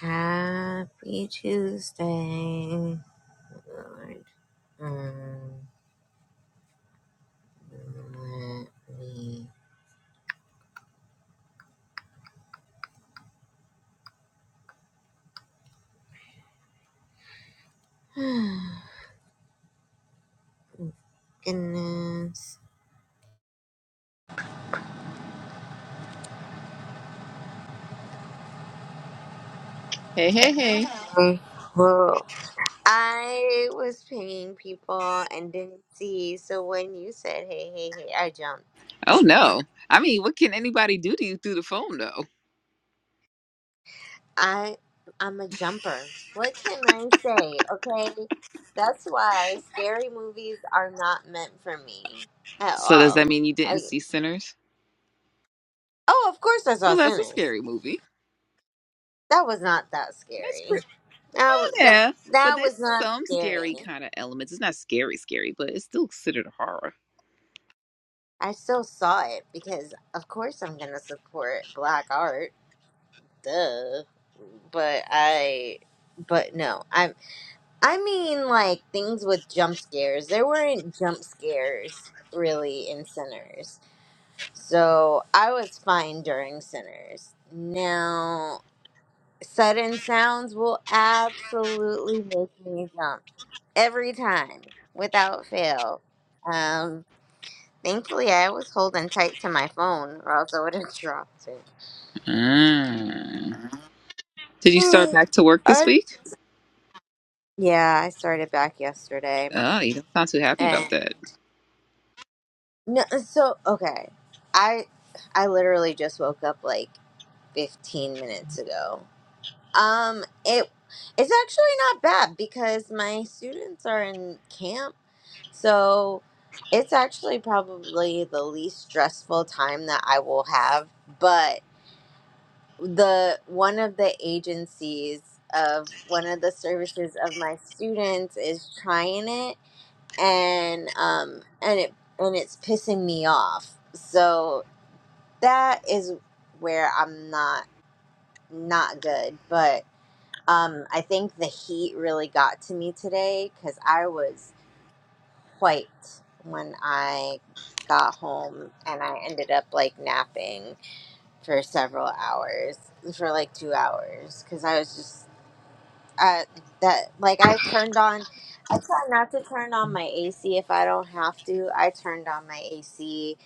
Happy Tuesday, Lord. Um, let me goodness. Hey, hey, hey. Okay, Well, I was pinging people and didn't see, so when you said hey, hey, hey, I jumped. Oh no. I mean, what can anybody do to you through the phone though? I I'm a jumper. What can I say? Okay, that's why scary movies are not meant for me at So does that all. mean you didn't I see Sinners? oh, of course I Well, saw that's a Sinners. scary movie. That was not that That's scary. pretty That was that, yeah. But that there's was not some scary. scary kind of elements. It's not scary, scary, but it's still considered a horror. I still saw it because of course I'm gonna support black art. Duh. But I but no. I I mean like things with jump scares. There weren't jump scares really in Sinners. So I was fine during Sinners. Now sudden sounds will absolutely make me jump. every time without fail. Um, thankfully, I was holding tight to my phone, or else I would have dropped it. Mm. Did you start back to work this I, week? yeah, I started back yesterday, Oh, you don't sound too happy about and that. no, so okay, I I literally just woke up like 15 minutes ago. Um, it it's actually not bad because my students are in camp So it's actually probably the least stressful time that I will have, but the one of the agencies of one of the services of my students is trying it and um and it and it's pissing me off. So that is where I'm not not good, but um I think the heat really got to me today cuz I was quite when I got home and I ended up like napping for several hours, for like two hours, because I was just uh that like I turned on. I try not to turn on my AC if I don't have to. I turned on my AC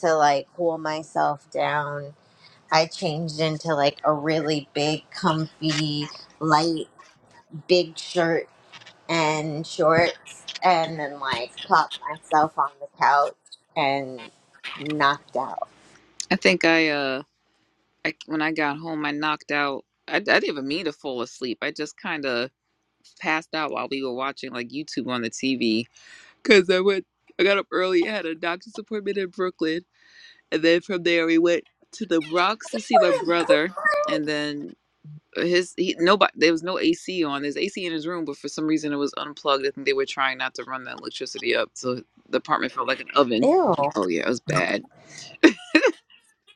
to like cool myself down. I changed into like a really big, comfy, light, big shirt and shorts and then like plopped myself on the couch and knocked out. I think I uh I when I got home I knocked out I, I didn't even mean to fall asleep. I just kind of passed out while we were watching like YouTube on the TV because I went. I got up early. I had a doctor's appointment in Brooklyn, and then from there we went to the Bronx to see my brother, and then his he nobody there was no AC on. There's AC in his room, but for some reason it was unplugged. I think they were trying not to run the electricity up, so the apartment felt like an oven. Ew. Oh yeah, it was bad.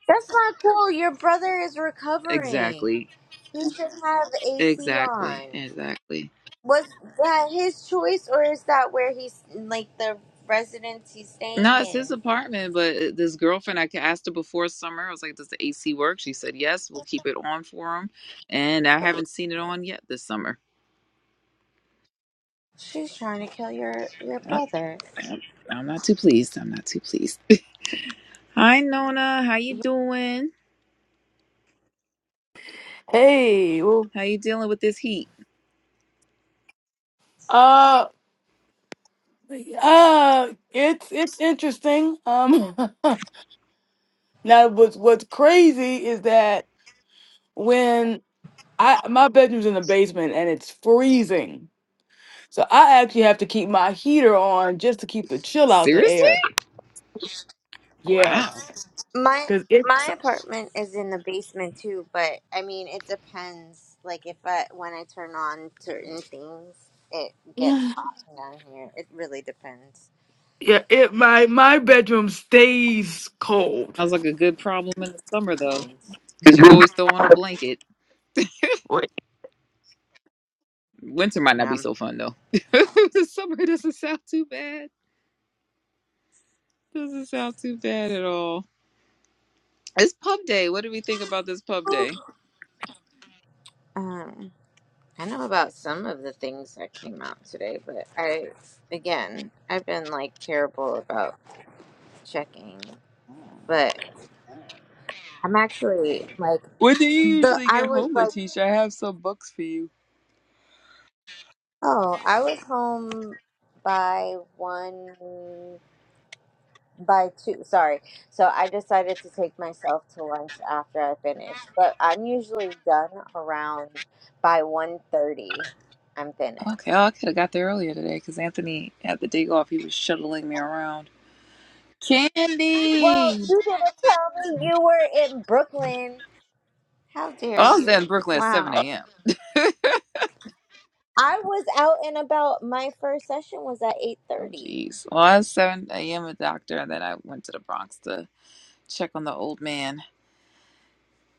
That's not cool. Your brother is recovering. Exactly, He should have AC exactly, on. exactly. Was that his choice or is that where he's like the residence he's staying No, it's his in? apartment, but uh, this girlfriend, I asked her before summer. I was like, does the AC work? She said, yes, we'll keep it on for him. And I haven't seen it on yet this summer. She's trying to kill your your Yep, brother. yep. I'm not too pleased. I'm not too pleased. Hi, Nona. How you doing? Hey, well, How you dealing with this heat? uh, uh, it's it's interesting. Um, now what's what's crazy is that when I my bedroom's in the basement and it's freezing, so I actually have to keep my heater on just to keep the chill out the Seriously? air. Yeah, Wow. My because it That my apartment is in the basement too, but I mean it depends. Like if I when I turn on certain things, it gets hot down here. It really depends. yeah it my my bedroom stays cold. Sounds like a good problem in the summer, though, Nice. because you can always throw on a blanket. Wait. Winter might not be Um, so fun, though. the summer doesn't sound too bad. Doesn't sound too bad at all. It's pub day. What do we think about this pub day? um, I know about some of the things that came out today, but I again I've been like terrible about checking. But I'm actually like When do you the usually I get was home, like Letitia? I have some books for you. oh I was home by one. by two sorry so i decided to take myself to lunch after i finished but i'm usually done around by one i i'm finished Okay, oh, I could have got there earlier today because Anthony had the day off. He was shuttling me around. well Candy! Oh, you didn't tell me you were in brooklyn how dare I was you there in Brooklyn at 7 wow a.m. i was out and about my first session was at Oh, 8.30 jeez. Well, I was 7 a.m. a doctor, and then I went to the Bronx to check on the old man.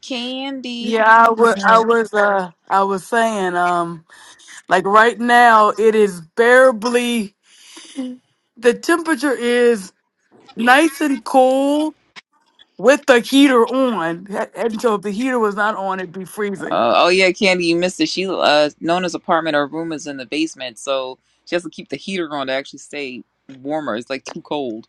Candy, Yeah, how I you was doing? I was uh I was saying um like right now it is bearably the temperature is nice and cool with the heater on. That- And so if the heater was not on, it'd be freezing. Uh, oh yeah, Candy, you missed it. She uh, Nona's apartment or room is in the basement, so she has to keep the heater on to actually stay warmer. It's like too cold.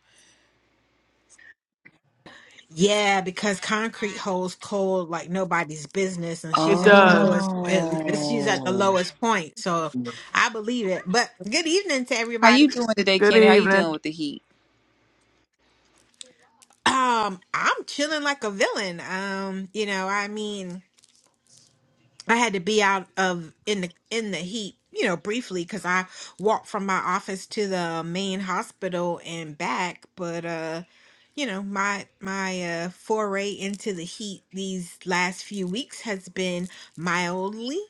Yeah, because concrete holds cold like nobody's business, and It she's at the does. lowest. it- She's at the Oh, lowest point, so I believe it. But good evening to how you everybody. doing today, Good Candy? How you dealing evening. with the heat? Um, I'm chilling like a villain. Um, you know, I mean. I had to be out of in the in the heat, you know, briefly because I walked from my office to the main hospital and back. But uh, you know, my my uh, foray into the heat these last few weeks has been mildly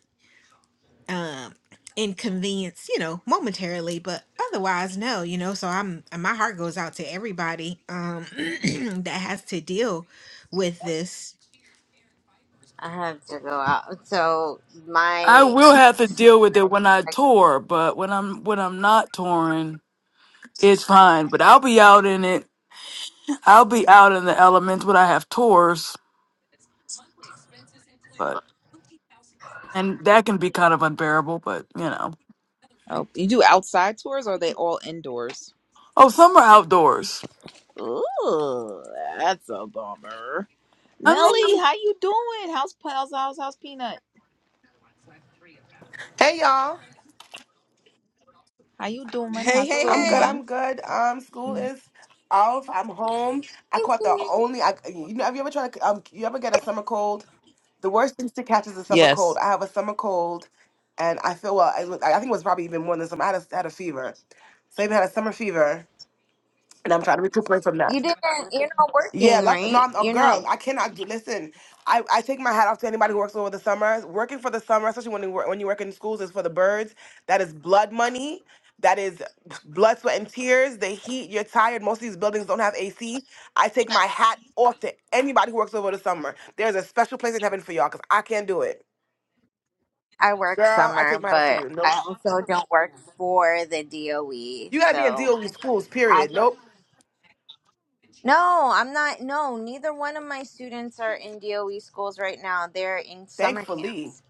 um inconvenienced, you know, momentarily, but otherwise, no, you know. So I'm and my heart goes out to everybody um that has to deal with this. i had to go out so I my will have to deal with it when I tour, but when I'm when I'm not touring, it's fine. But I'll be out in it. I'll be out in the elements when I have tours, but and that can be kind of unbearable, but you know. Oh, you do outside tours or are they all indoors? Oh, some are outdoors. Ooh, that's a bummer. I Nelly, mean, how you doing? How's how's how's, how's Peanut? Hey y'all, How you doing? Hey, How's the little I'm good. hey, one? I'm good. Um, school you is off. I'm home. I caught the only. I you know have you ever tried to um you ever get a summer cold? The worst things to catch is a summer Yes. cold. I have a summer cold, and I feel well. I, was- I think it was probably even more than some. I had a, had a fever, so I even had a summer fever, and I'm trying to recuperate from that. didn't you're not Yeah, working luck, no, right I'm a you're not girl. I cannot do. Listen, I, I take my hat off to anybody who works over the summer. Working for the summer, especially when you work, when you work in schools, is for the birds. That is blood money. That is blood, sweat, and tears. The heat. You're tired. Most of these buildings don't have AC. I take my hat off to anybody who works over the summer. There's a special place in heaven for y'all because I can't do it, I work girl. I take summer, my hat off to but you. Nope. I also don't work for the DOE. You gotta be in So DOE schools. I Period. go. Nope. No, I'm not. No, neither one of my students are in DOE schools right now. They're in summer Thankfully, camps.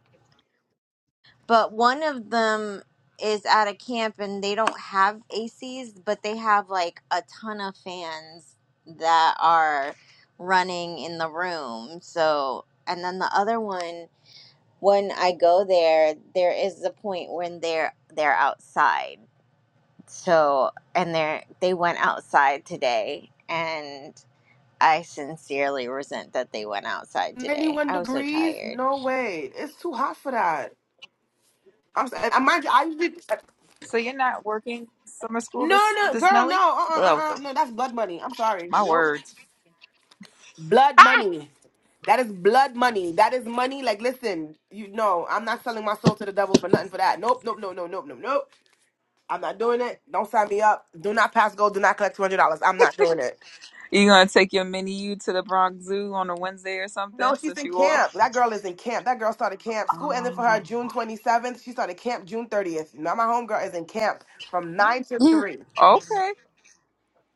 But one of them is at a camp and they don't have ACs, but they have like a ton of fans that are running in the room. So, and then the other one when I go there, there is a point when they're they're outside. So, and they they went outside today, and I sincerely resent that they went outside today. 91 I was so degrees. tired. No way. It's too hot for that. I'm sorry. I mind you, I usually uh, So you're not working summer school no, this no, this girl, Nelly? no, uh, Oh, uh, uh, go- uh, no, that's blood money. I'm sorry, my nope, word. blood money. That is blood money. That is money. Like, listen, you know, I'm not selling my soul to the devil for nothing for that. Nope, nope, no, no, nope, nope, nope. I'm not doing it. Don't sign me up. Do not pass go. Do not collect two hundred dollars. I'm not doing it. You gonna take your mini you to the Bronx Zoo on a Wednesday or No, something she's since in you camp. off? That girl is in camp. That girl started camp. School ended for her Oh, June 27th. She started camp June 30th. Now my homegirl is in camp from nine to Yeah. three. okay.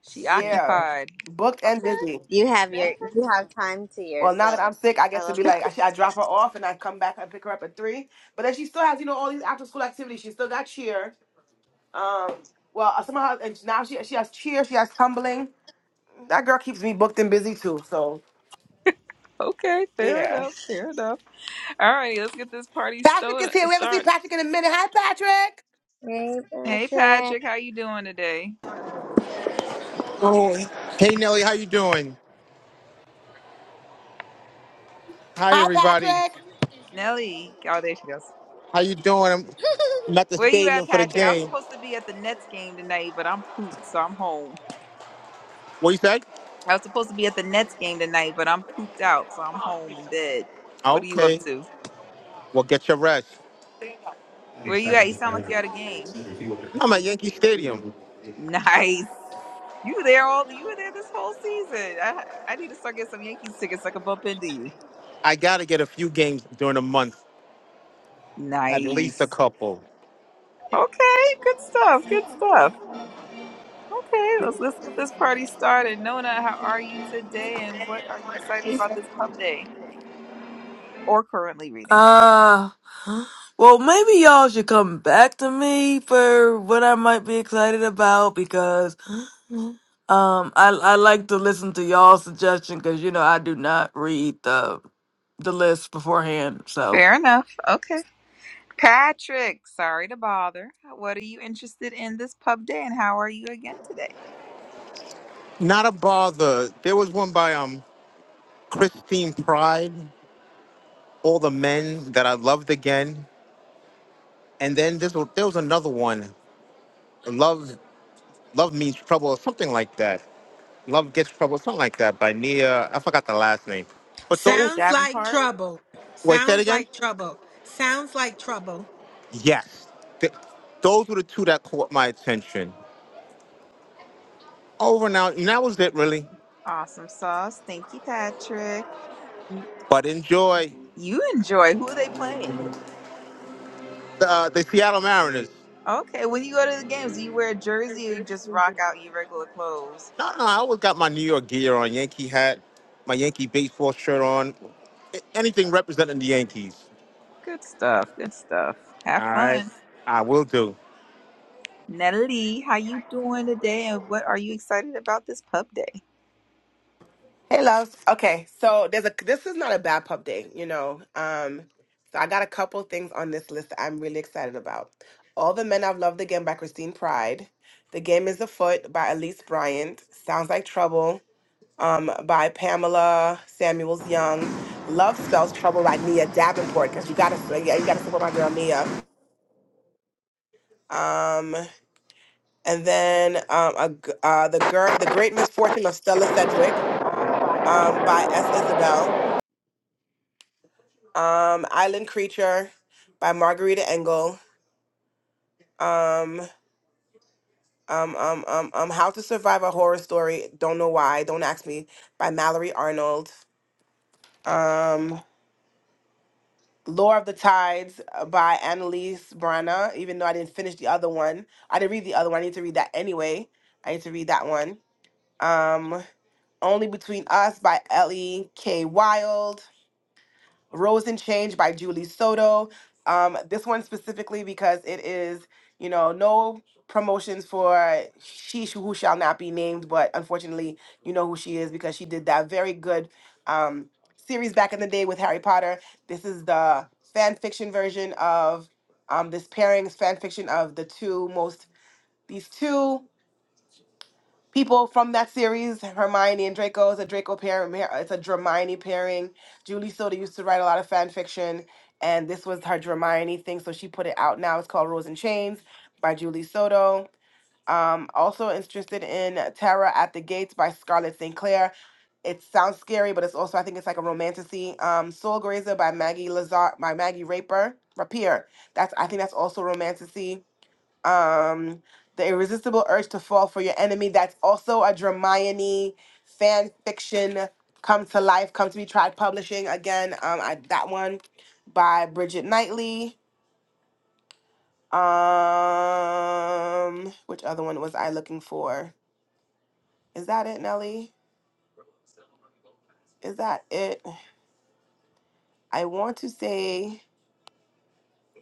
She Yeah, occupied. booked Okay, and busy. You have fair your enough. you have time to Well, now that I'm yourself. sick, I I get to love be like, that. I, I drop her off and I come back and pick her up at three. But then she still has, you know, all these after school activities. She still got cheer. Um, well, uh, somehow, and now she she has cheer, she has tumbling. That girl keeps me booked and busy too. So, Okay, fair yeah. enough. Fair enough. All righty, let's get this party Patrick is started. here. We haven't seen Start. Patrick in a minute. Hi, Patrick. Hey, Hey, Patrick. Patrick, how you doing today? Oh. Hey Nelly, how you doing? Hi Hi, everybody. Patrick. Nelly. Oh, there she goes. How you doing? I'm I'm at the Where you stadium at, for the Patrick? I was game. supposed to be at the Nets game tonight, but I'm pooped, so I'm home. What you said? I was supposed to be at the Nets game tonight, but I'm pooped out, so I'm home in bed. What are you up Okay. to? Well, get your rest. Where you at? You sound like you at a game. I'm at Yankee Stadium. Nice. You were there all you were there this whole season. I I need to start getting some Yankees tickets so I can bump into you. I gotta get a few games during the month, at least a Nice. couple. Okay, good stuff. Good stuff. Okay, let's let's get this party started. Nona, how are you today and what are you excited about this pub day or currently reading? uh Well, maybe y'all should come back to me for what I might be excited about because um I I like to listen to y'all's suggestion because you know I do not read the the list beforehand. So Fair enough. Okay. Patrick, sorry to bother. What are you interested in this pub day and how are you again today? Not a bother. There was one by um Christine Pride, All the Men that I loved again, and then this was, there was another one, Love Love Means Trouble or something like that. Love Gets Trouble, something like that by Nia. I forgot the last name. But those, Sounds like Davenport, trouble. wait, say it Sounds again? like trouble. Sounds like trouble. Yes. Th- those were the two that caught my attention. Over now, and that was it really. awesome sauce. Thank you, Patrick. Mm, But enjoy You enjoy. Who are they playing? the, uh, the Seattle Mariners. Okay, when you go to the games, do you wear a jersey or you just rock out your regular clothes? No, no, I always got my New York gear on, Yankee hat, my Yankee baseball shirt on, a- anything representing the Yankees. Good stuff. Good stuff. Have All right, fun. I will do. Natalie, how you doing today and what are you excited about this pub day? Hey, loves. Okay, so there's a this is not a bad pub day, you know. Um, so I got a couple things on this list that I'm really excited about. All the Men I've Loved Again by Christine Pride. The Game is Afoot by Elise Bryant. Sounds Like Trouble um, by Pamela Samuels Young. Love Spells Trouble by Nia Davenport because you gotta su- yeah, you gotta support my girl Nia. Um, and then um, a, g- uh, the girl, the Great Misfortune of Stella Sedgwick um, by S. Isabel um, Island Creature by Margarita Engel. Um, um, um, um, um, How to Survive a Horror Story, Don't Know Why, Don't Ask Me, by Mallory Arnold. Um, Lore of the Tides uh, by Annalise Brana, even though I didn't finish the other one. I didn't read the other one. I need to read that anyway. I need to read that one. Um, Only Between Us by Ellie K. Wild. Rose and Change by Julie Soto. Um, this one specifically because it is, you know, no promotions for she sh- who shall not be named, but unfortunately, you know who she is because she did that very good um, series back in the day with Harry Potter. This is the fan fiction version of um, this pairings, fan fiction of the two most, these two people from that series, Hermione and Draco is a Draco pairing. It's a Hermione pairing. Julie Soda used to write a lot of fan fiction, and this was her Hermione thing, so she put it out now. It's called Rules and Chains by Julie Soto. Um, also interested in Terra at the Gates by Scarlett St. Clair. It sounds scary, but it's also I think it's like a romanticy. Um, Soul Grazer by Maggie Lazar by Maggie Raper Rapier. That's I think that's also romanticy um, the irresistible urge to fall for your enemy. That's also a Dramione fan fiction come to life, come to be tried publishing again. Um, I, that one by Bridget Knightley. Um, which other one was I looking for? Is that it, Nelly? Is that it? I want to say.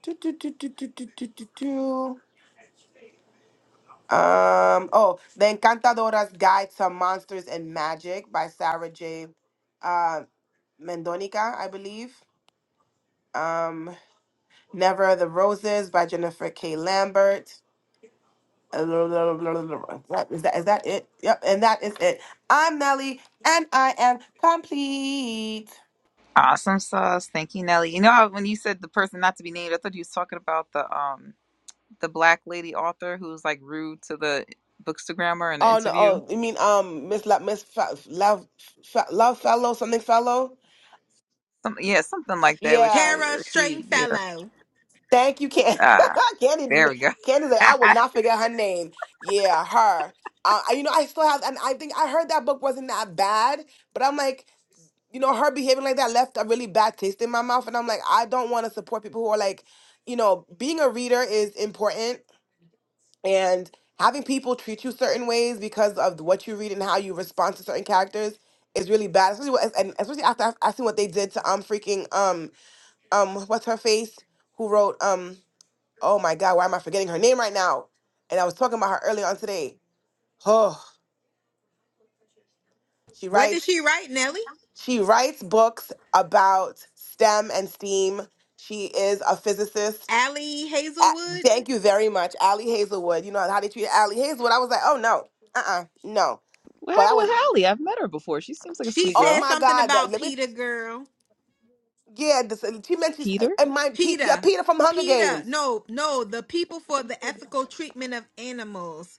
do, do, do, do, do, do, do, do, do. Um. Oh, The Encantadora's Guide to Monsters and Magic by Sarah J Um, Mendonica, I believe. Um, Never the Roses by Jennifer K. Lambert. Uh, blah, blah, blah, blah, blah, blah. Is that is that it? Yep, and that is it. I'm Nelly, and I am complete. Awesome sauce. Thank you, Nelly. You know how when you said the person not to be named, I thought you was talking about the um the black lady author who was like rude to the bookstagrammer in the Oh no! interview. Oh, you mean um, Miss La- Miss Fa- Love Fa- Love Fellow something Fellow? Some yeah, something like that where Yeah. she Tara she yeah. Stringfellow. Thank you, Candy. Ah, Candy, there we go. Candy's like I will not forget her name. Yeah, her. Uh, I- you know, I still have, and I think I heard that book wasn't that bad, but I'm like, you know, her behaving like that left a really bad taste in my mouth. And I'm like, I don't want to support people who are like, you know, being a reader is important and having people treat you certain ways because of what you read and how you respond to certain characters is really bad. Especially what, and especially after I I seen what they did to um freaking um um what's her face who wrote um oh my god why am I forgetting her name right now? And I was talking about her earlier on today. Oh, she What did writes. she write, Nellie? She writes books about STEM and STEAM. She is a physicist. Allie A- Hazelwood? Thank you very much, Allie Hazelwood. You know how they treat Allie Hazelwood. I was like, oh no, uh, uh no. What But I happened was, with Hallie? I've met her before. She seems like a She sweet oh girl. said my something God, the, about let me. Peter, girl. Yeah, this, she mentioned Peter? and my Pe- yeah Peter. Peter from Hunger Peter. Games. No, no, the people for the ethical treatment of animals.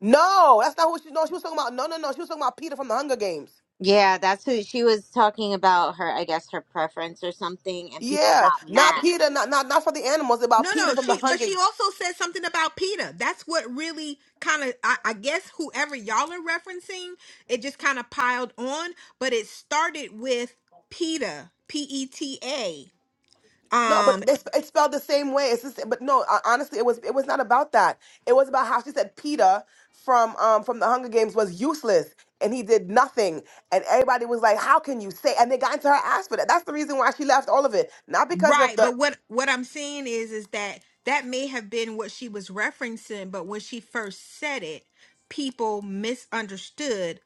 No, that's not what she. No, she was talking about. No, no, no. She was talking about Peter from the Hunger Games. Yeah, that's who she was talking about her, I guess her preference or something, and people Yeah, got not mad. Peter, not not not for the animals. No, About Peter no, from the she but Hunger. she also said something about PETA. That's what really kind of I, I guess whoever y'all are referencing, it just kind of piled on, but it started with PETA, P E T A. No, Um. but it's, it's spelled the same way. It's just, but no, uh, honestly, it was it was not about that. It was about how she said Peter from um from the Hunger Games was useless and he did nothing, and everybody was like, "How can you say?" And they got into her ass for that. That's the reason why she left all of it, not because of Right, the but what what I'm saying is is that that may have been what she was referencing, but when she first said it, people misunderstood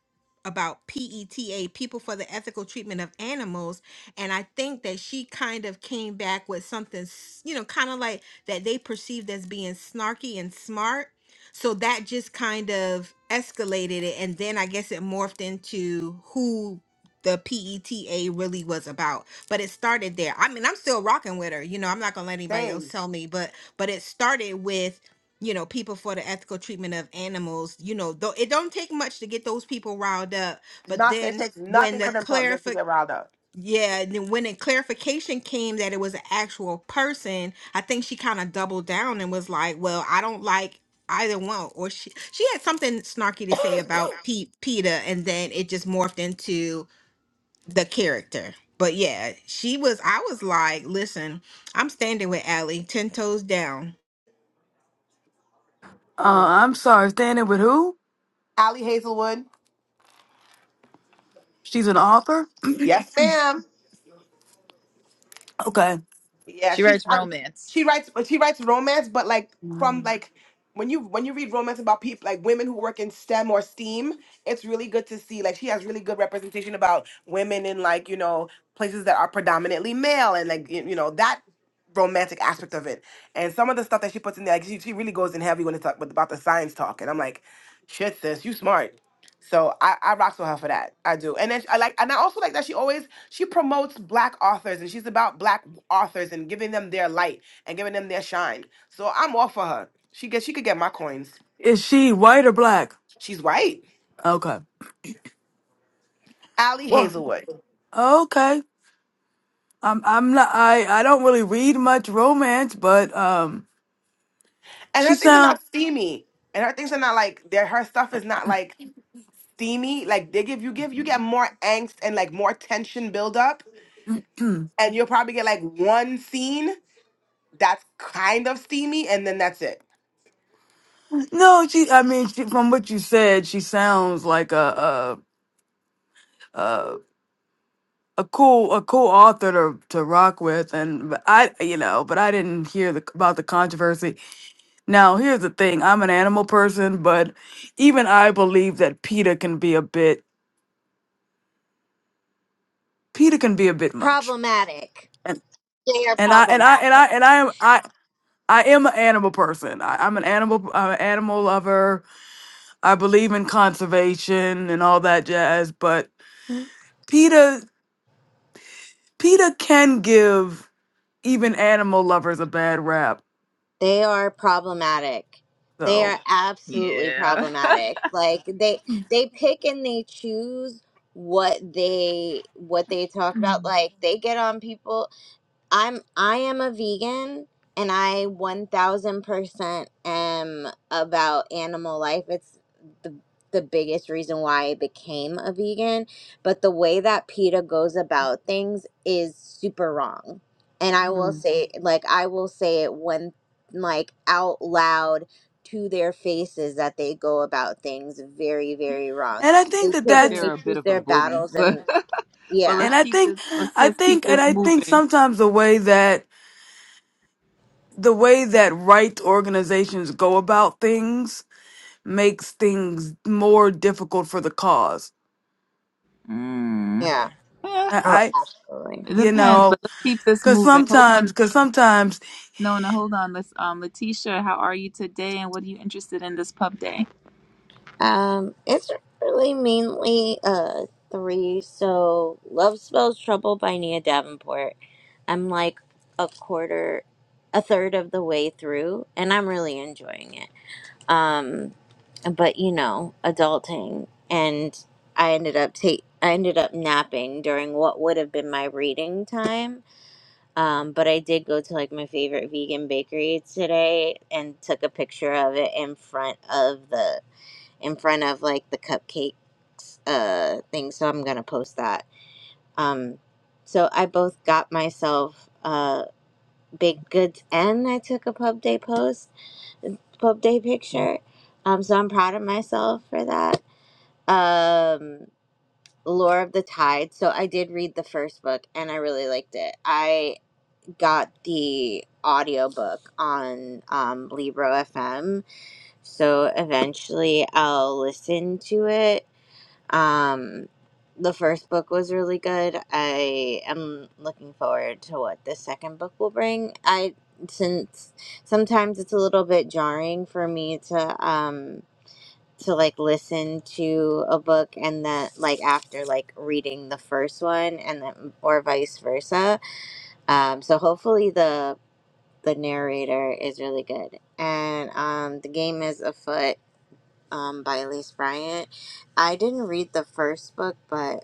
about PETA, people for the ethical treatment of animals, and I think that she kind of came back with something, s- you know, kind of like that they perceived as being snarky and smart. So that just kind of escalated it and then I guess it morphed into who the PETA really was about but it started there. I mean, I'm still rocking with her. You know, I'm not gonna let anybody else things. tell me, but but it started with you know people for the ethical treatment of animals. You know, though it don't take much to get those people riled up. But Nothing. It then takes when nothing the for them to get to clarific get riled up. yeah, and then when the clarification came that it was an actual person, I think she kind of doubled down and was like, "Well, I don't like." either one or she she had something snarky to say about Pete, PETA and then it just morphed into the character. But yeah, she was. I was like, listen, I'm standing with Allie, ten toes down. Hmm. uh, I'm sorry, standing with who? Allie Hazelwood. She's an author. Yes, ma'am. Okay, Yeah, She she's writes romance. she writes but she writes romance, but like from like when you when you read romance about people like women who work in STEM or STEAM, it's really good to see like she has really good representation about women in like you know places that are predominantly male and like y- you know that romantic aspect of it. And some of the stuff that she puts in there, like she, she really goes in heavy when it's like, with- about the science talk, and I'm like, shit, sis, you smart. So I, I rocks with her for that. I do. And then sh- I like and I also like that she always she promotes black authors and she's about black authors and giving them their light and giving them their shine. So I'm all for her. She gets she could get my coins. is she white or black? She's white. Okay. Allie Well, Hazelwood. okay. I'm I'm not I I don't really read much romance, but um And she her things are sound. not steamy. And her things are not like their her stuff is not like steamy. Like they give you give you get more angst and like more tension build up. And you'll probably get like one scene that's kind of steamy and then that's it. No, she. I mean, she, from what you said, she sounds like a a a, a cool a cool author to, to rock with, and but I you know, but I didn't hear the, about the controversy. Now, here's the thing: I'm an animal person, but even I believe that Peter can be a bit Peter can be a bit much, Problematic. and They are and I and I and problematic. I and I am I. I am an animal person. I, I'm an animal. I'm an animal lover. I believe in conservation and all that jazz. But Peter. PETA can give even animal lovers a bad rap, They are problematic. They though. are absolutely Yeah. problematic. Like they they pick and they choose what they what they talk about. Like they get on people. I'm I am a vegan and I 1000% am about animal life. It's the the biggest reason why I became a vegan, but the way that PETA goes about things is super wrong. And I will Mm. say like I will say it when like out loud to their faces that they go about things very very wrong. And I They think that pick like and that's, they they're a bit choose of a their bully, battles but and but let's and yeah. I keep think, this let's I let's think, keep and this I think moving. sometimes the way that, the way that rights organizations go about things makes things more difficult for the cause. Mm. Yeah. Yeah. I, Oh, I absolutely. it you depends, know, but let's keep this cause moving. Hold on sometimes, cause sometimes, No, no, hold on. Let's um Letitia, how are you today and what are you interested in this pub day? Um, it's really mainly uh three. So, Love Spells Trouble by Nia Davenport. I'm like a quarter, a third of the way through, and I'm really enjoying it. Um, but you know, adulting, and I ended up ta- I ended up napping during what would have been my reading time. Um, but I did go to like my favorite vegan bakery today and took a picture of it in front of the in front of like the cupcakes uh thing so i'm gonna post that um so i both got myself uh big goods and i took a pub day post pub day picture um so i'm proud of myself for that um lore of the tide so i did read the first book and i really liked it i got the audiobook on um libro fm so eventually i'll listen to it Um, the first book was really good. I am looking forward to what the second book will bring. I since sometimes it's a little bit jarring for me to um to like listen to a book and then like after like reading the first one and then or vice versa. Um, so hopefully the the narrator is really good. And um, the game is afoot um, by Elise Bryant. I didn't read the first book, but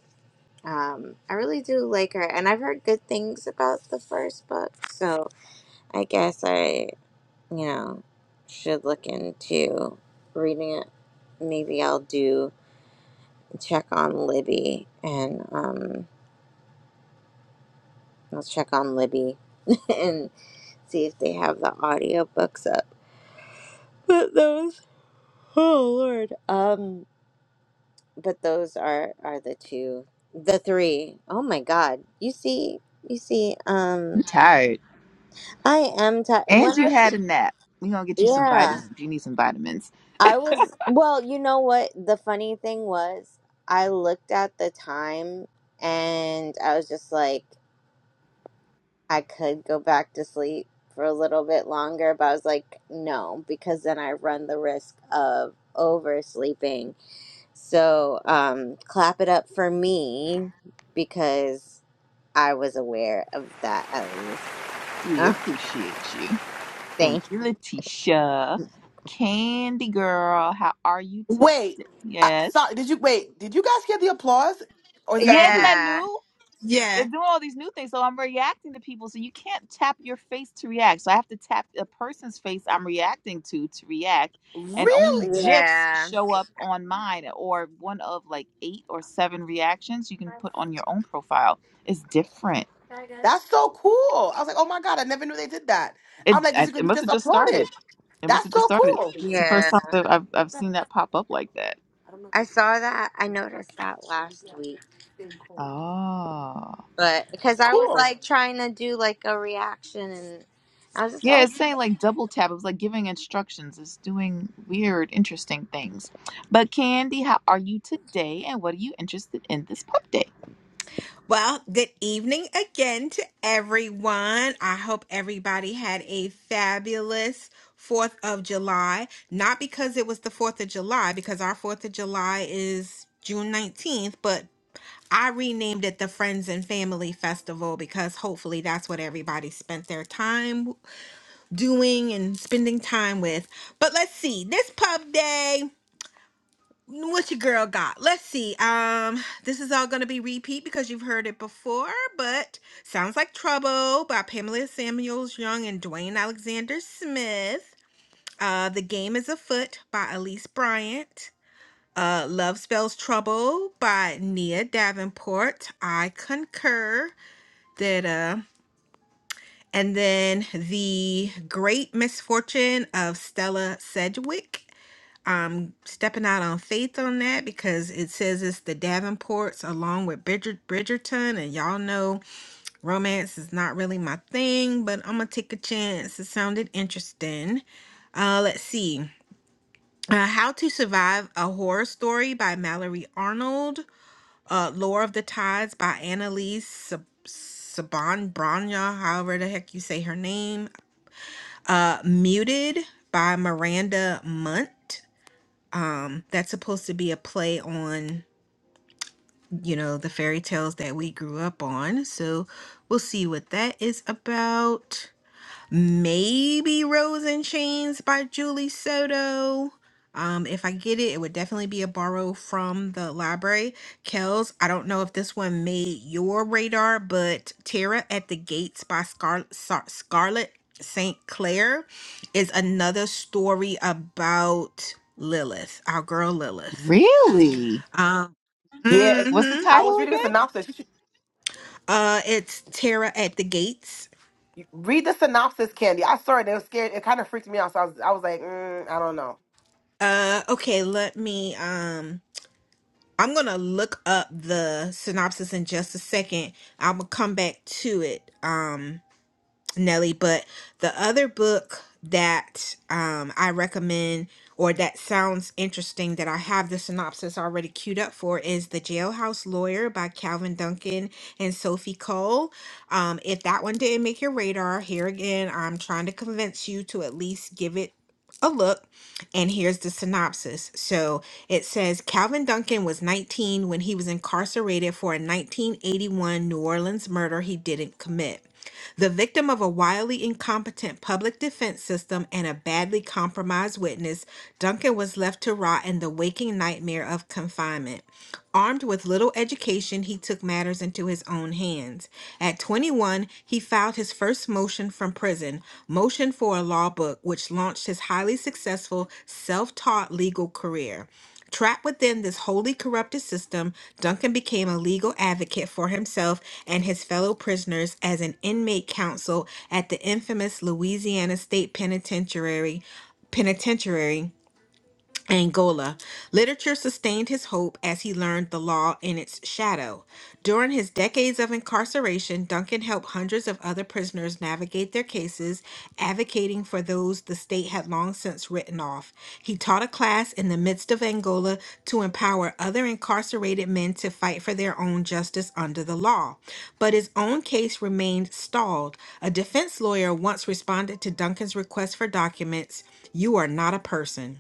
um, I really do like her, and I've heard good things about the first book, so I guess I, you know, should look into reading it. Maybe I'll do check on Libby, and um, I'll check on Libby and see if they have the audiobooks up. But those, oh Lord, um, but those are are the two, the three. Oh my God, you see, you see, um. I'm tired. I am tired. And When you had a nap. We're gonna get you some Yeah, vitamins. You need some vitamins. I was. Well, you know what? The funny thing was, I looked at the time and I was just like, I could go back to sleep for a little bit longer, but I was like, no, because then I run the risk of oversleeping. So, um, clap it up for me because I was aware of that at least. We appreciate you. Thank thank. you, Letitia. Candy girl, how are you Wait, today? I, Yes. sorry. Did you wait? Did you guys hear the applause, or is that Yes, just isn't me? that Yeah. new? they're Yeah. doing all these new things. So I'm reacting to people. So you can't tap your face to react. So I have to tap a person's face I'm reacting to to react. And only Really? GIFs Yeah. show up on mine or one of like eight or seven reactions you can put on your own profile. It's different. That's so cool. I was like, oh my god, I never knew they did that. It, I'm like, is I- it it good? must Just have just applaud started. it. It must That's have just so started. cool. It's the Yeah. first time that I've, I've seen that pop up like that. I saw that. I noticed that last week, Oh. but because I was Cool. like trying to do like a reaction, and I was just Yeah, like, it's saying like double tap. It was like giving instructions. It's doing weird, interesting things. But Candy, how are you today? And what are you interested in this pub day? Well, good evening again to everyone. I hope everybody had a fabulous 4th of July. Not because it was the 4th of July, because our 4th of July is June 19th, but I renamed it the Friends and Family Festival because hopefully that's what everybody spent their time doing and spending time with. But let's see. This pub day, what your girl got? Let's see. Um, this is all gonna be repeat because you've heard it before, but sounds like Trouble by Pamela Samuels Young and Dwayne Alexander Smith. Uh, The Game is Afoot by Elise Bryant. Uh, Love Spells Trouble by Nia Davenport. I concur that uh And then the great misfortune of Stella Sedgwick. I'm stepping out on faith on that because it says it's the Davenports along with Bridger- Bridgerton. And y'all know romance is not really my thing, but I'm going to take a chance. It sounded interesting. Uh, let's see. Uh, How to Survive a Horror Story by Mallory Arnold. Uh, Lore of the Tides by Annalise Sab- Saban Branya, however the heck you say her name uh, Muted by Miranda Munt. Um, that's supposed to be a play on, you know, the fairy tales that we grew up on. So we'll see what that is about maybe Rose in Chains by Julie Soto. Um, if I get it, it would definitely be a borrow from the library. Kels, I don't know if this one made your radar, but Terra at the Gates by Scar- Scar- Scarlett St. Clair is another story about Lilith, our girl Lilith. Really? Um, Yeah, it- What's the mhm. I was title reading the again? synopsis. You should Uh, it's Terra at the Gates. you- read the synopsis, Candy. I saw it. It was scared. It kind of freaked me out. So I was, I was like, mm, I don't know. Uh, okay, let me. Um. I'm gonna look up the synopsis in just a second. I'm gonna come back to it. Um, Nelly. But the other book that um, I recommend or that sounds interesting that I have the synopsis already queued up for is The Jailhouse Lawyer by Calvin Duncan and Sophie Cole. Um, if that one didn't make your radar, here again, I'm trying to convince you to at least give it a look. And here's the synopsis. So it says Calvin Duncan was 19 when he was incarcerated for a 1981 New Orleans murder he didn't commit the victim of a wildly incompetent public defense system and a badly compromised witness, Duncan was left to rot in the waking nightmare of confinement. Armed with little education, he took matters into his own hands. At 21, he filed his first motion from prison, Motion for a Law Book, which launched his highly successful self taught legal career. Trapped within this wholly corrupted system, Duncan became a legal advocate for himself and his fellow prisoners as an inmate counsel at the infamous Louisiana State Penitentiary. Penitentiary Angola. Literature sustained his hope as he learned the law in its shadow. During his decades of incarceration, Duncan helped hundreds of other prisoners navigate their cases, advocating for those the state had long since written off. He taught a class in the midst of Angola to empower other incarcerated men to fight for their own justice under the law. But his own case remained stalled. A defense lawyer once responded to Duncan's request for documents You are not a person.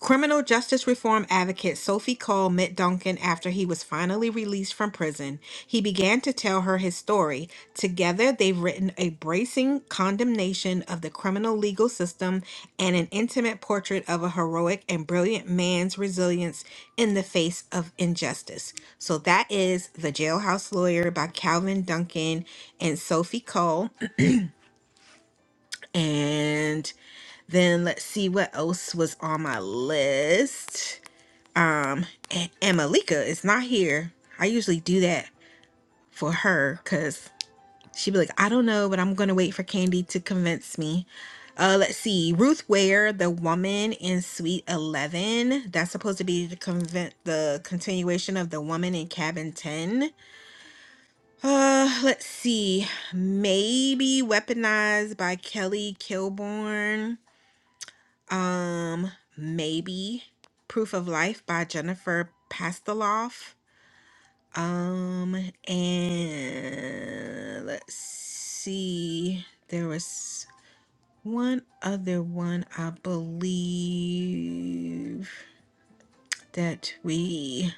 Criminal justice reform advocate Sophie Cole met Duncan after he was finally released from prison. He began to tell her his story. Together, they've written a bracing condemnation of the criminal legal system and an intimate portrait of a heroic and brilliant man's resilience in the face of injustice. So, that is The Jailhouse Lawyer by Calvin Duncan and Sophie Cole. And then let's see what else was on my list. Um, and, and Malika is not here. I usually do that for her because she'd be like, I don't know, but I'm gonna wait for Candy to convince me. Uh, let's see, Ruth Ware, the woman in Suite Eleven. That's supposed to be the convent, the continuation of the woman in Cabin Ten. Uh, let's see, maybe weaponized by Kelly Kilborn. Um, maybe Proof of Life by Jennifer Pasteloff Um, and let's see. There was one other one, I believe, that we.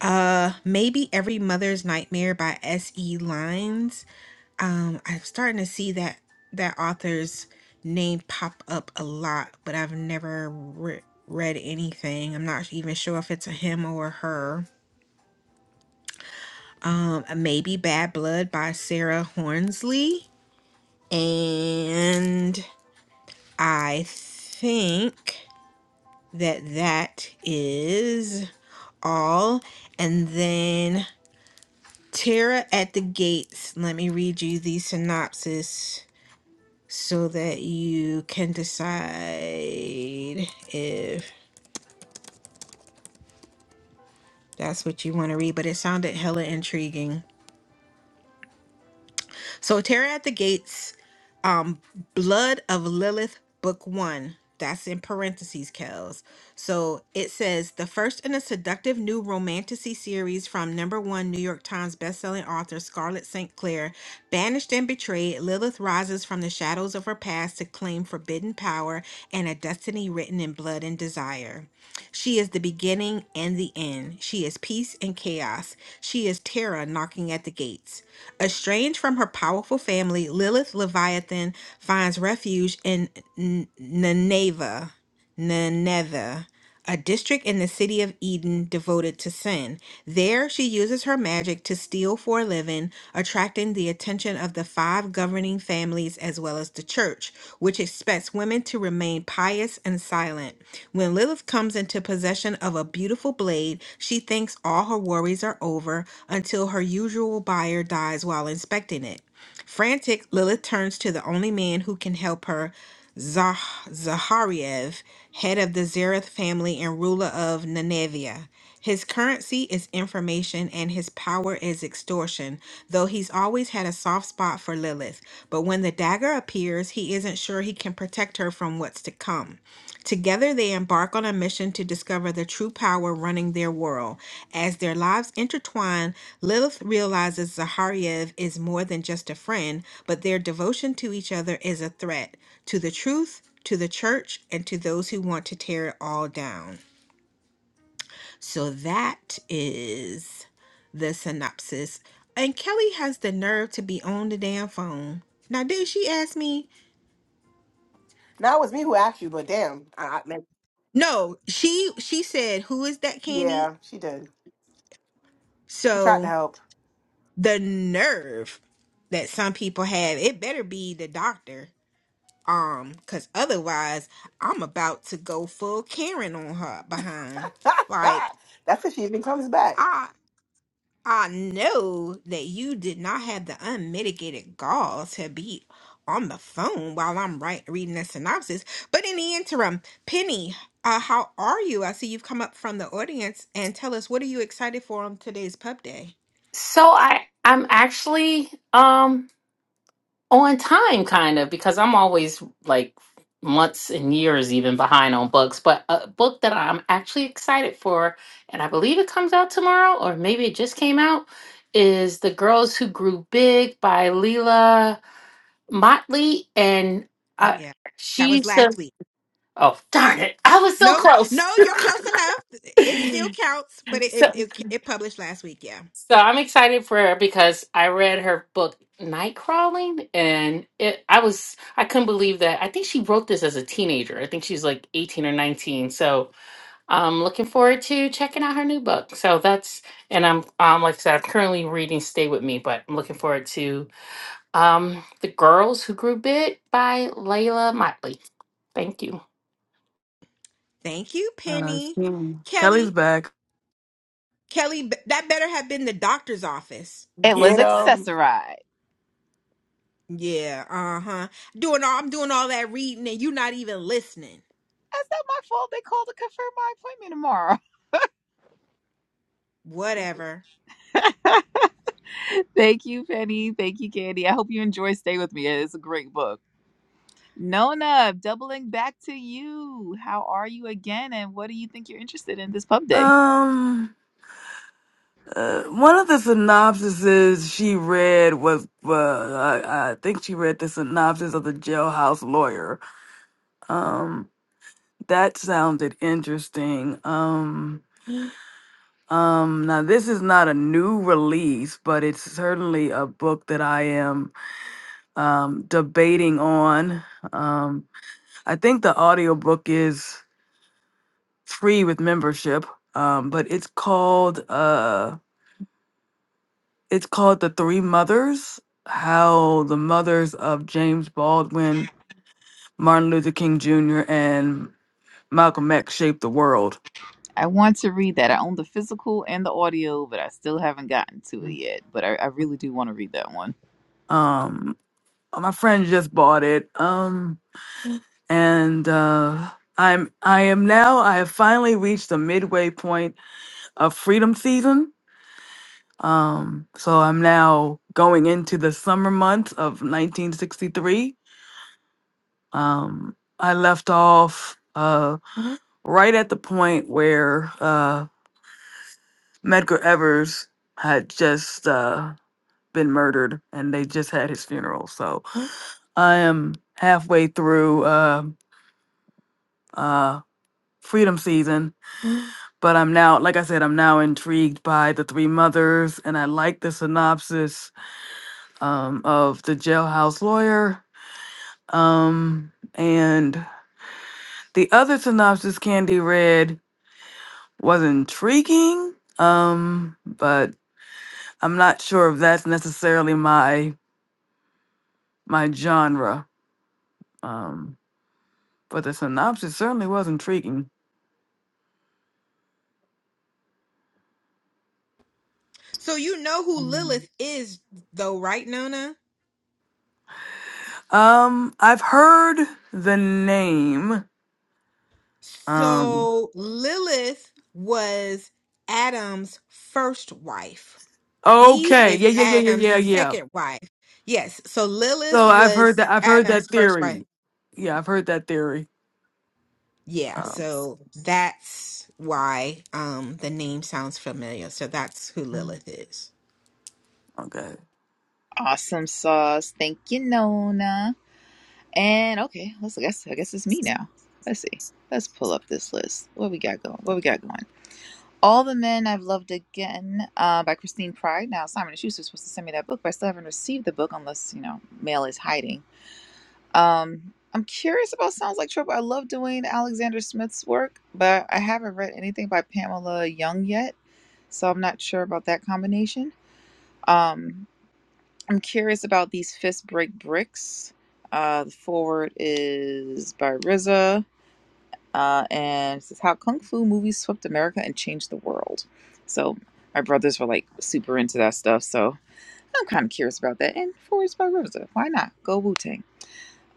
Uh, maybe Every Mother's Nightmare by S.E. Lines. Um, I'm starting to see that that author's name pop up a lot, but I've never re- read anything. I'm not even sure if it's a him or a her. um, uh, maybe Bad Blood by Sarah Hornsley. And I think that that is all. And then Tara at the Gates. Let me read you the synopsis so that you can decide if that's what you want to read. But it sounded hella intriguing. So Terror at the Gates, um, Blood of Lilith, Book One. That's in parentheses, Kels. So it says the first in a seductive new romanticy series from number one New York Times bestselling author Scarlett St. Clair. Banished and betrayed, Lilith rises from the shadows of her past to claim forbidden power and a destiny written in blood and desire. She is the beginning and the end. She is peace and chaos. She is terror knocking at the gates. Estranged from her powerful family, Lilith Leviathan finds refuge in N- Nineveh, Nineveh, a district in the city of Eden devoted to sin. There, she uses her magic to steal for a living, attracting the attention of the five governing families as well as the church, which expects women to remain pious and silent. When Lilith comes into possession of a beautiful blade, she thinks all her worries are over until her usual buyer dies while inspecting it. Frantic, Lilith turns to the only man who can help her, Zah- Zahariev, head of the Zareth family and ruler of Nenevia. His currency is information and his power is extortion, though he's always had a soft spot for Lilith. But when the dagger appears, he isn't sure he can protect her from what's to come. Together, they embark on a mission to discover the true power running their world. As their lives intertwine, Lilith realizes Zahariev is more than just a friend, but their devotion to each other is a threat to the truth, to the church, and to those who want to tear it all down. So that is the synopsis. And Kelly has the nerve to be on the damn phone. Now, did she ask me? Now it was me who asked you, but damn, I, I, like, No, she she said, "Who is that candy?" yeah, she did. We tried to So help. the nerve that some people have it better be the doctor um because otherwise i'm about to go full karen on her behind like That's if she even comes back. i i know that you did not have the unmitigated gall to be on the phone while i'm right reading the synopsis but in the interim penny uh how are you i see you've come up from the audience and tell us what are you excited for on today's pub day So I I'm actually um on time kind of because I'm always like months and years even behind on books, but a book that I'm actually excited for and I believe it comes out tomorrow or maybe it just came out is The Girls Who Grew Big by Leila Motley and uh, yeah that was she's last the week oh darn it. I was so No, close. no, you're close enough. It still counts, but it it, so it it published last week. Yeah. So I'm excited for her because I read her book Night Crawling and it I was I couldn't believe that. I think she wrote this as a teenager. I think she's like 18 or 19. So I'm looking forward to checking out her new book. So that's and I'm um like I said, I'm currently reading Stay With Me, but I'm looking forward to um The Girls Who Grew Big by Layla Motley. Thank you. Thank you, uh, Penny. Kelly, Kelly's back. Kelly, b- that better have been the doctor's office. It was Get him. accessorize. Yeah. Uh huh. Doing all I'm doing all that reading, and you not even listening. That's not my fault. They called to confirm my appointment tomorrow. Whatever. Thank you, Penny. Thank you, Candy. I hope you enjoy Stay With Me. It's a great book. Nona, doubling back to you. How are you again? And what do you think you're interested in this pub day? Um, Uh, one of the synopsises she read was, uh, I, I think she read the synopsis of the jailhouse lawyer. Um, that sounded interesting. Um, um, now this is not a new release, but it's certainly a book that I am um, debating on. Um, I think the audiobook is free with membership, um, but it's called. Uh, it's called The Three Mothers How the Mothers of James Baldwin, Martin Luther King Jr., and Malcolm X Shaped the World. I want to read that. I own the physical and the audio, but I still haven't gotten to it yet. But I, I really do want to read that one. Um, my friend just bought it. Um, and uh, I'm I am now I have finally reached the midway point of freedom season. Um, so I'm now going into the summer months of 1963 Um, I left off uh, right at the point where uh, Medgar Evers had just uh, been murdered and they just had his funeral. So I am halfway through uh, uh, Freedom Season. But I'm now, like I said, I'm now intrigued by the three mothers, and I like the synopsis um, of the jailhouse lawyer. Um, and the other synopsis Candy read was intriguing um but i'm not sure if that's necessarily my my genre um but the synopsis certainly was intriguing So you know who Lilith is, though, right, Nona? um i've heard the name um So Lilith was Adam's first wife. Eve okay is yeah yeah yeah yeah Adam's yeah yeah second wife. Yes. So so Lilith i've heard was that i've heard Adam's that first wife. theory yeah i've heard that theory Yeah. um So that's why um the name sounds familiar. So that's who Lilith is. okay Awesome sauce. Thank you, Nona. And okay, let's I guess I guess it's me now. Let's see. Let's pull up this list. What we got going? What we got going? All the Men I've Loved Again uh, by Christine Pride. Now, Simon and Schuster was supposed to send me that book, but I still haven't received the book unless, you know, mail is hiding. Um, I'm curious about Sounds Like Trouble. I love Dwayne Alexander Smith's work, but I haven't read anything by Pamela Young yet, so I'm not sure about that combination. Um, I'm curious about these Fist Break Bricks. Uh, the forward is by Riza uh, and it says how kung fu movies swept America and changed the world. So my brothers were like super into that stuff, so I'm kind of curious about that. And Four by Rosa, why not? Go Wu Tang.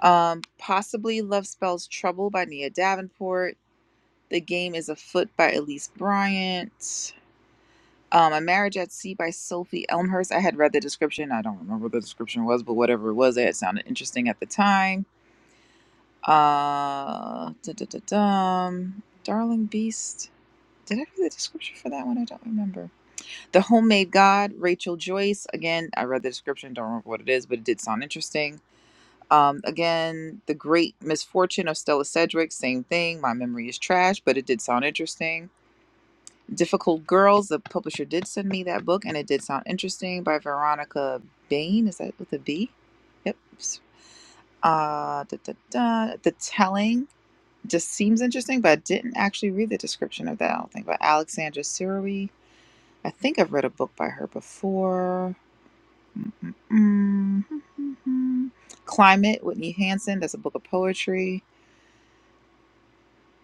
Um, possibly Love Spells Trouble by Nia Davenport. The Game is Afoot by Elise Bryant. Um, A Marriage at Sea by Sophie Elmhurst. I had read the description. I don't remember what the description was, but whatever it was, it sounded interesting at the time. Uh, da da da dum. Darling Beast. Did I read the description for that one? I don't remember. The Homemade God, Rachel Joyce. Again, I read the description, don't remember what it is, but it did sound interesting. Um, again, The Great Misfortune of Stella Sedgwick, same thing. My memory is trash, but it did sound interesting. Difficult Girls, the publisher did send me that book, and it did sound interesting by Veronica Bain. Is that with a B? Yep. Uh, da, da, da. The Telling just seems interesting, but I didn't actually read the description of that, I don't think, by Alexandra Sirui. I think I've read a book by her before. Mm-mm-mm. Climate, Whitney Hansen. That's a book of poetry.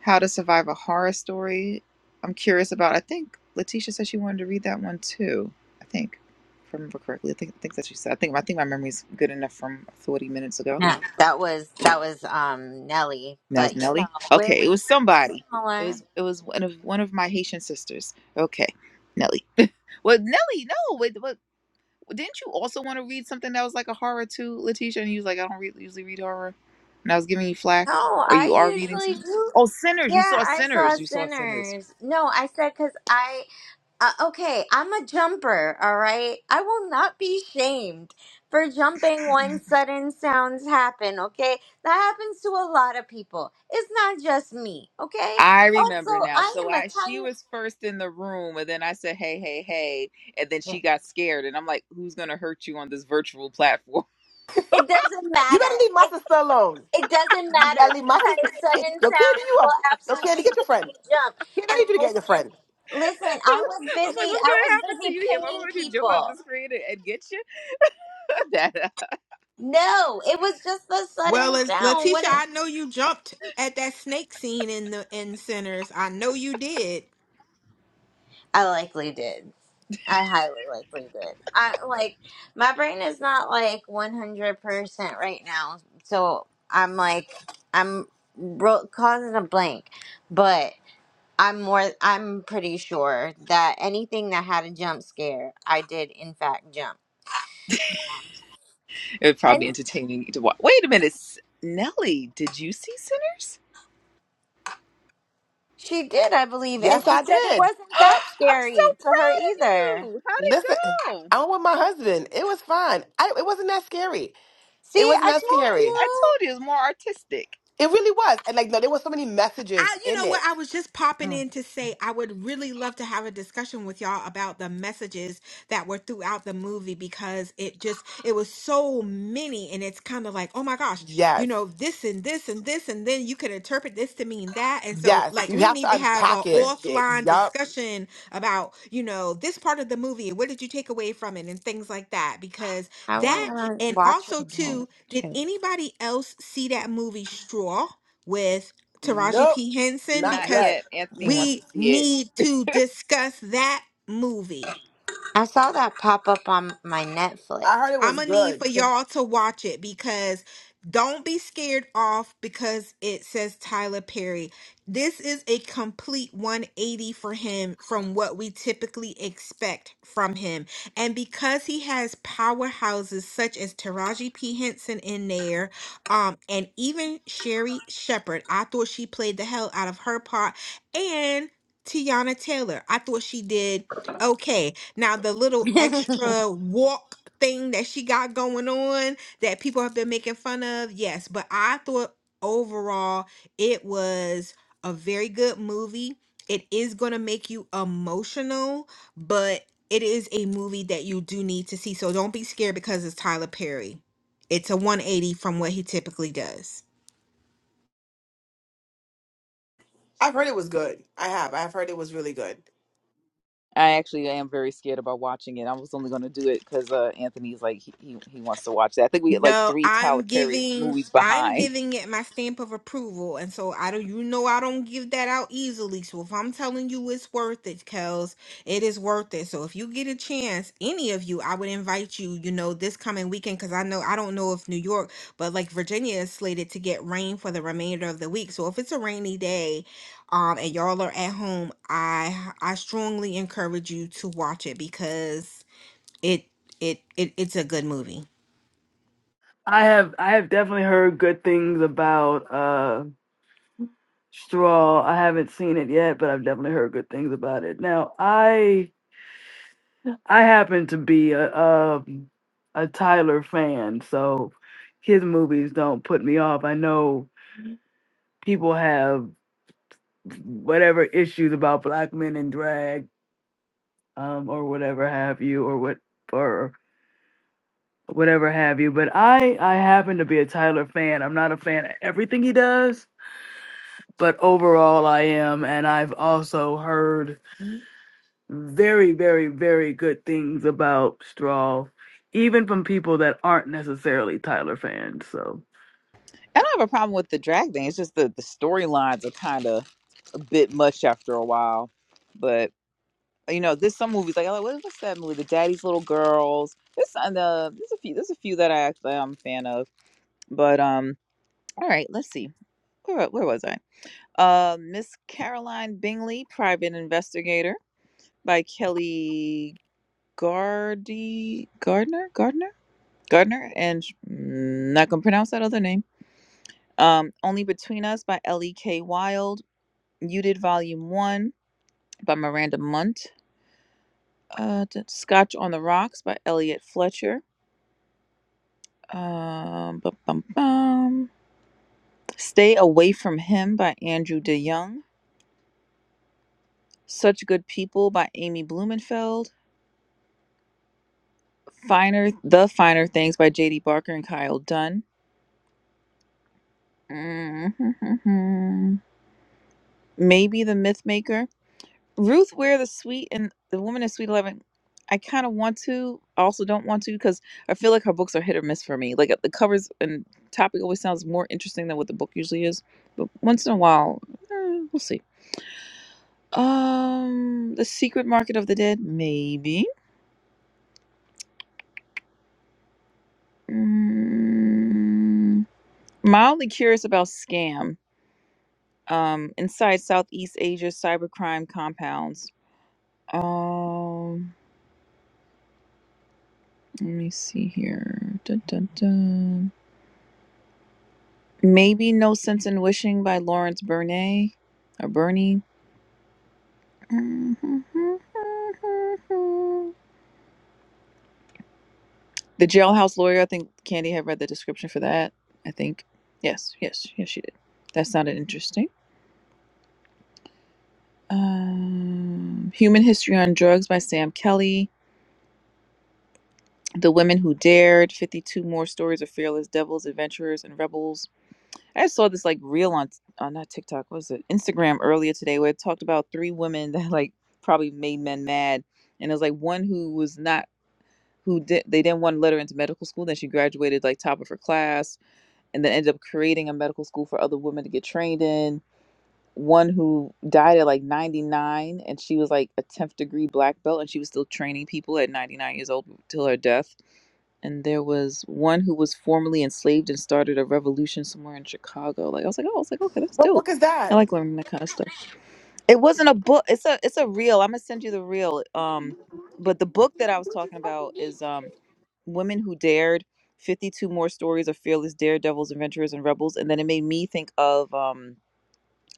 How to Survive a Horror Story. I'm curious about. I think Letitia said she wanted to read that one too. I think, if I remember correctly. I think, I think that she said. I think I think my memory's good enough from 40 minutes ago. "No, that was that was um Nelly." That was But you know, Nelly. we're Okay, it was somebody. It similar. was it was one of one of my Haitian sisters. Okay, Nelly. Well, Nelly, no, wait, what? Didn't you also want to read something that was like a horror too, Letitia? And you was like, I don't re- usually read horror, and I was giving you flack. No, Or I you are reading usually something? do. Oh, Sinners! You Yeah, saw I saw Sinners! You saw Sinners! sinners. No, I said because I Uh, okay, I'm a jumper, all right? I will not be shamed for jumping when sudden sounds happen, okay? That happens to a lot of people. It's not just me, okay? I remember Also, now. I So am a I, she tiny. was first in the room, and then I said, "Hey, hey, hey!" And then Yeah. she got scared, and I'm like, "Who's gonna hurt you on this virtual platform?" It doesn't You better matter. leave my It, sister alone. it doesn't You better matter leave my because sister. Kid, sudden yo, Candy, sounds you will up? Yo, Candy, absolutely get your make friend. me jump. Candy, I And need you to get your listen, friend. I listen, I was was like, busy. "What's I gonna was happen to busy you here? What am I pinging gonna do? Jump out people. the screen and, and get you?" that uh, No, it was just the Well, sudden La- sound. What Letitia, it, I know you jumped at that snake scene in the in Sinners. I know you did. I likely did. I highly likely did. I like my brain is not like one hundred percent right now, so I'm like I'm ro- causing a blank, but I'm more. I'm pretty sure that anything that had a jump scare, I did in fact jump, it would probably and be entertaining to watch. Wait a minute, S- Nelly, did you see Sinners? she did, I believe, and Yes, she I said it did. wasn't that I'm so scary to her proud of either. you. How'd Listen, it go? I went with my husband. It was fine. I, it wasn't that scary. It See, wasn't I that told scary. I you. told you it's more artistic. It really was. And like, no, there were so many messages I, you in know what? it. I was just Oh, popping of in to say I would really love to have a discussion with y'all about the messages that were throughout the movie because it just, it was so many. And it's kind of like, oh my gosh, you Yes. know, this and this and this. And then you could interpret this to mean that. And so, Yes, like, you we have need to to have a unpack course. it. offline Yup. discussion about, you know, this part of the movie. What did you take away from it and things like that? Because I want that, to and watch it also, again. too, did Shoot. anybody else see that movie Straw? with Taraji Nope. P. Henson Not Not because yet. yet. Anthony No. wants to we see it. need to discuss that movie. I saw that pop up on my Netflix. I heard it I'm was gonna need good. for y'all to watch it because don't be scared off because it says Tyler Perry. This is a complete 180 for him from what we typically expect from him. And because he has powerhouses such as Taraji P. Henson in there, um, and even Sherry Shepard, I thought she played the hell out of her part, and Tiana Taylor, I thought she did okay. Now, the little extra walk thing that she got going on that people have been making fun of, yes, but I thought overall it was a very good movie. It is going to make you emotional, but it is a movie that you do need to see. So don't be scared because it's Tyler Perry. It's a 180 from what he typically does. I've heard it was good. I have. I've heard it was really good. I actually am very scared about watching it. I was only going to do it because uh, Anthony's like he, he he wants to watch that. I think we had like No, three Tyler I'm Perry giving movies I'm behind. giving it my stamp of approval. And so I don't you know I don't give that out easily. So if I'm telling you it's worth it, Kels, it is worth it. So if you get a chance, any of you, I would invite you, you know, this coming weekend because I know I don't know if New York, but like Virginia is slated to get rain for the remainder of the week. So if it's a rainy day, um, and y'all are at home, I I strongly encourage you to watch it because it it, it it's a good movie. i have i have definitely heard good things about Straw. I haven't seen it yet, but I've definitely heard good things about it. Now, I I happen to be a um, a Tyler fan, so his movies don't put me off. I know people have whatever issues about black men in drag, um, or whatever have you, or what or whatever have you. But I I happen to be a Tyler fan. I'm not a fan of everything he does, but overall I am, and I've also heard very, very, very good things about Straw, even from people that aren't necessarily Tyler fans. So I don't have a problem with the drag thing. It's just the the storylines are kind of a bit much after a while. But you know, there's some movies like oh, what- what's that movie? The Daddy's Little Girls. There's uh, there's a few there's a few that I actually I'm a fan of. But um, All right, let's see. Where, where was I? Uh, Miss Caroline Bingley, Private Investigator by Kelly Gardy Gardner Gardner Gardner, and mm, not gonna pronounce that other name. Um, Only Between Us by L. E. K. K. Wild, Muted Volume One by Miranda Munt, uh, d- Scotch on the Rocks by Elliot Fletcher. Um, bum, bum, bum. Stay Away from Him by Andrew DeYoung. Such Good People by Amy Blumenfeld. Finer, The Finer Things by J.D. Barker and Kyle Dunn. Mhm. Maybe The Mythmaker. Ruth Ware, The Sweet, and The Woman in Sweet Eleven. I kind of want to, I also don't want to, because I feel like her books are hit or miss for me. Like the covers and topic always sounds more interesting than what the book usually is. But once in a while, eh, we'll see. Um, The Secret Market of the Dead. Maybe. Mm, mildly curious about Scam. um, inside Southeast Asia cybercrime compounds. Um, let me see here. Dun, dun, dun. Maybe No Sense in Wishing by Lawrence Bernay or Bernie. The Jailhouse Lawyer. I think Candy had read the description for that. I think. Yes, yes, yes, she did. That sounded interesting. Um, Human History on Drugs by Sam Kelly. The Women Who Dared, 52 More Stories of Fearless Devils, Adventurers, and Rebels. I saw this like reel on, on not TikTok, what was it? Instagram earlier today where it talked about three women that like probably made men mad. And it was like one who was not, who did, they didn't want to let her into medical school. Then she graduated like top of her class and then ended up creating a medical school for other women to get trained in one who died at like 99 and she was like a 10th degree black belt and she was still training people at 99 years old till her death and there was one who was formerly enslaved and started a revolution somewhere in chicago like i was like oh i was like okay that's What dope book is i that? like learning that kind of stuff it wasn't a book it's a it's a reel i'm gonna send you the reel um but the book that i was talking about is um women who dared 52 more stories of fearless daredevils adventurers and rebels and then it made me think of um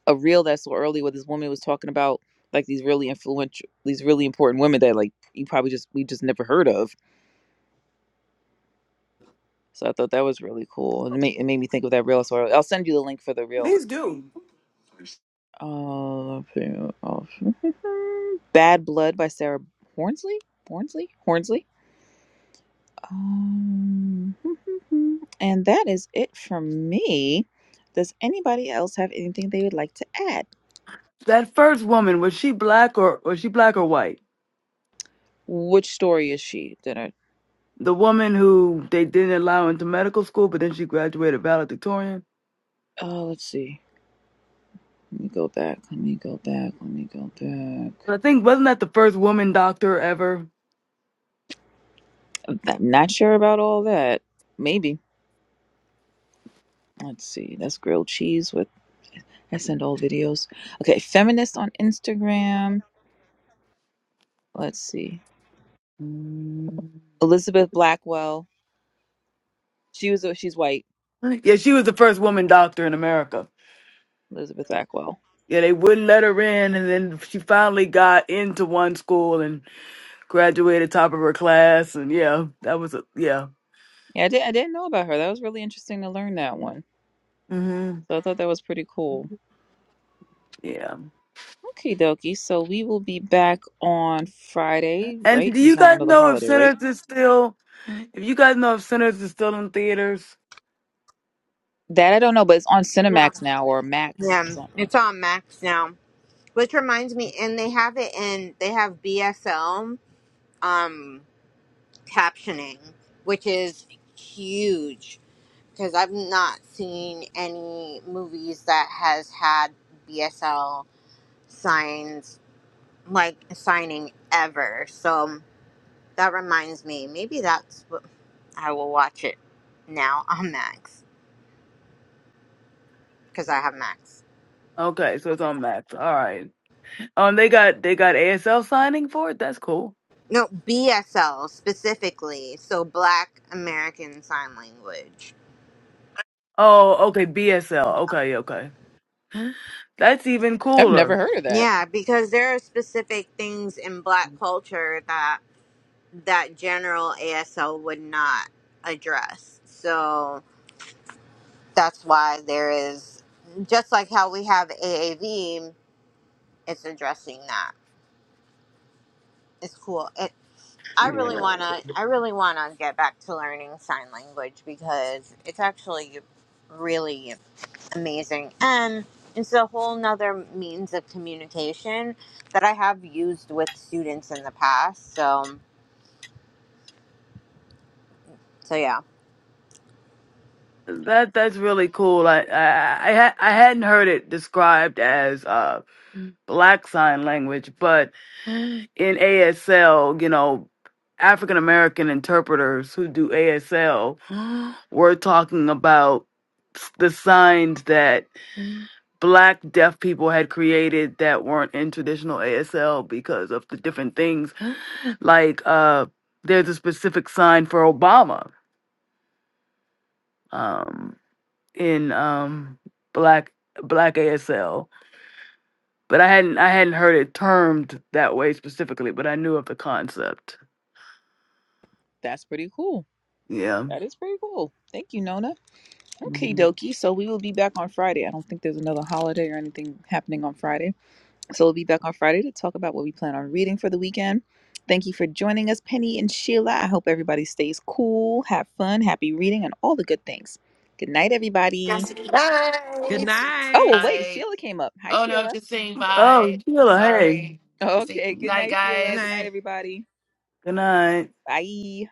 a reel that I saw earlier where this woman was talking about like these really influential, these really important women that like you probably just we just never heard of. So I thought that was really cool, and it made, it made me think of that reel. So I'll send you the link for the reel. Please do. Uh, Bad Blood by Sarah Hornsley. Hornsley. Hornsley. Um, and that is it from me. Does anybody else have anything they would like to add? that first woman was she black or was she black or white? Which story is she? Did I? The woman who they didn't allow into medical school, but then she graduated valedictorian. Oh, let's see. Let me go back. Let me go back. Let me go back. I think wasn't that the first woman doctor ever? I'm not sure about all that. Maybe. Let's see. That's grilled cheese with. I send old videos. Okay, feminist on Instagram. Let's see. Mm. Elizabeth Blackwell. She was. uh, She's white. Yeah, she was the first woman doctor in America. Elizabeth Blackwell. Yeah, they wouldn't let her in, and then she finally got into one school and graduated top of her class. And yeah, that was a yeah. Yeah, I did. I didn't know about her. That was really interesting to learn that one. hmm So I thought that was pretty cool. Yeah. Okay, dokie. So we will be back on Friday, And right? do There's you not guys another know if holiday, right? Sinners is still? If you guys know if Sinners is still in theaters? That I don't know, but it's on no. Cinemax now or Max. Yeah, It's on it's on Max now. Which reminds me, and they have it in, they have BSL um, captioning, which is huge because I've not seen any movies that has had BSL signs, like signing ever. So that reminds me, maybe that's what I will watch it now on Max because I have Max. Okay, so it's on Max. All right. Um, they got they got ASL signing for it. That's cool. No, BSL specifically, so Black American Sign Language. Oh, okay, BSL. Okay, okay. That's even I've cooler. never heard of that. Yeah, because there are specific things in Black culture that that general ASL would not address. So that's why there is just like how we have AAV, it's addressing that. It's cool. I Yeah. really wanna I really wanna get back to learning sign language because it's actually really amazing. And it's a whole nother means of communication that I have used with students in the past. So so yeah. That that's really cool. like, I I I, ha- I hadn't heard it described as uh Mm. black sign language, but in ASL, you know, African American interpreters who do ASL, were talking about s- the signs that Mm. black deaf people had created that weren't in traditional ASL because of the different things. Like uh there's a specific sign for Obama. Um in um black black ASL, but I hadn't I hadn't heard it termed that way specifically, but I knew of the concept. That's pretty cool. Yeah. That is pretty cool. Thank you, Nona. Okay, Mhm. dokie. So we will be back on Friday. I don't think there's another holiday or anything happening on Friday. So we'll be back on Friday to talk about what we plan on reading for the weekend. Thank you for joining us, Penny and Sheila. I hope everybody stays cool, have fun, happy reading, and all the good things. Good night, everybody. Cassidy. Good Bye. night. Oh, wait, night. Sheila came up. Hi, Oh no, Sheila. just saying Oh, bye. Sheila, hey. Sorry. Just saying Okay, good night, night, Good Sheila. guys. Good night, night. everybody. Good night. Bye.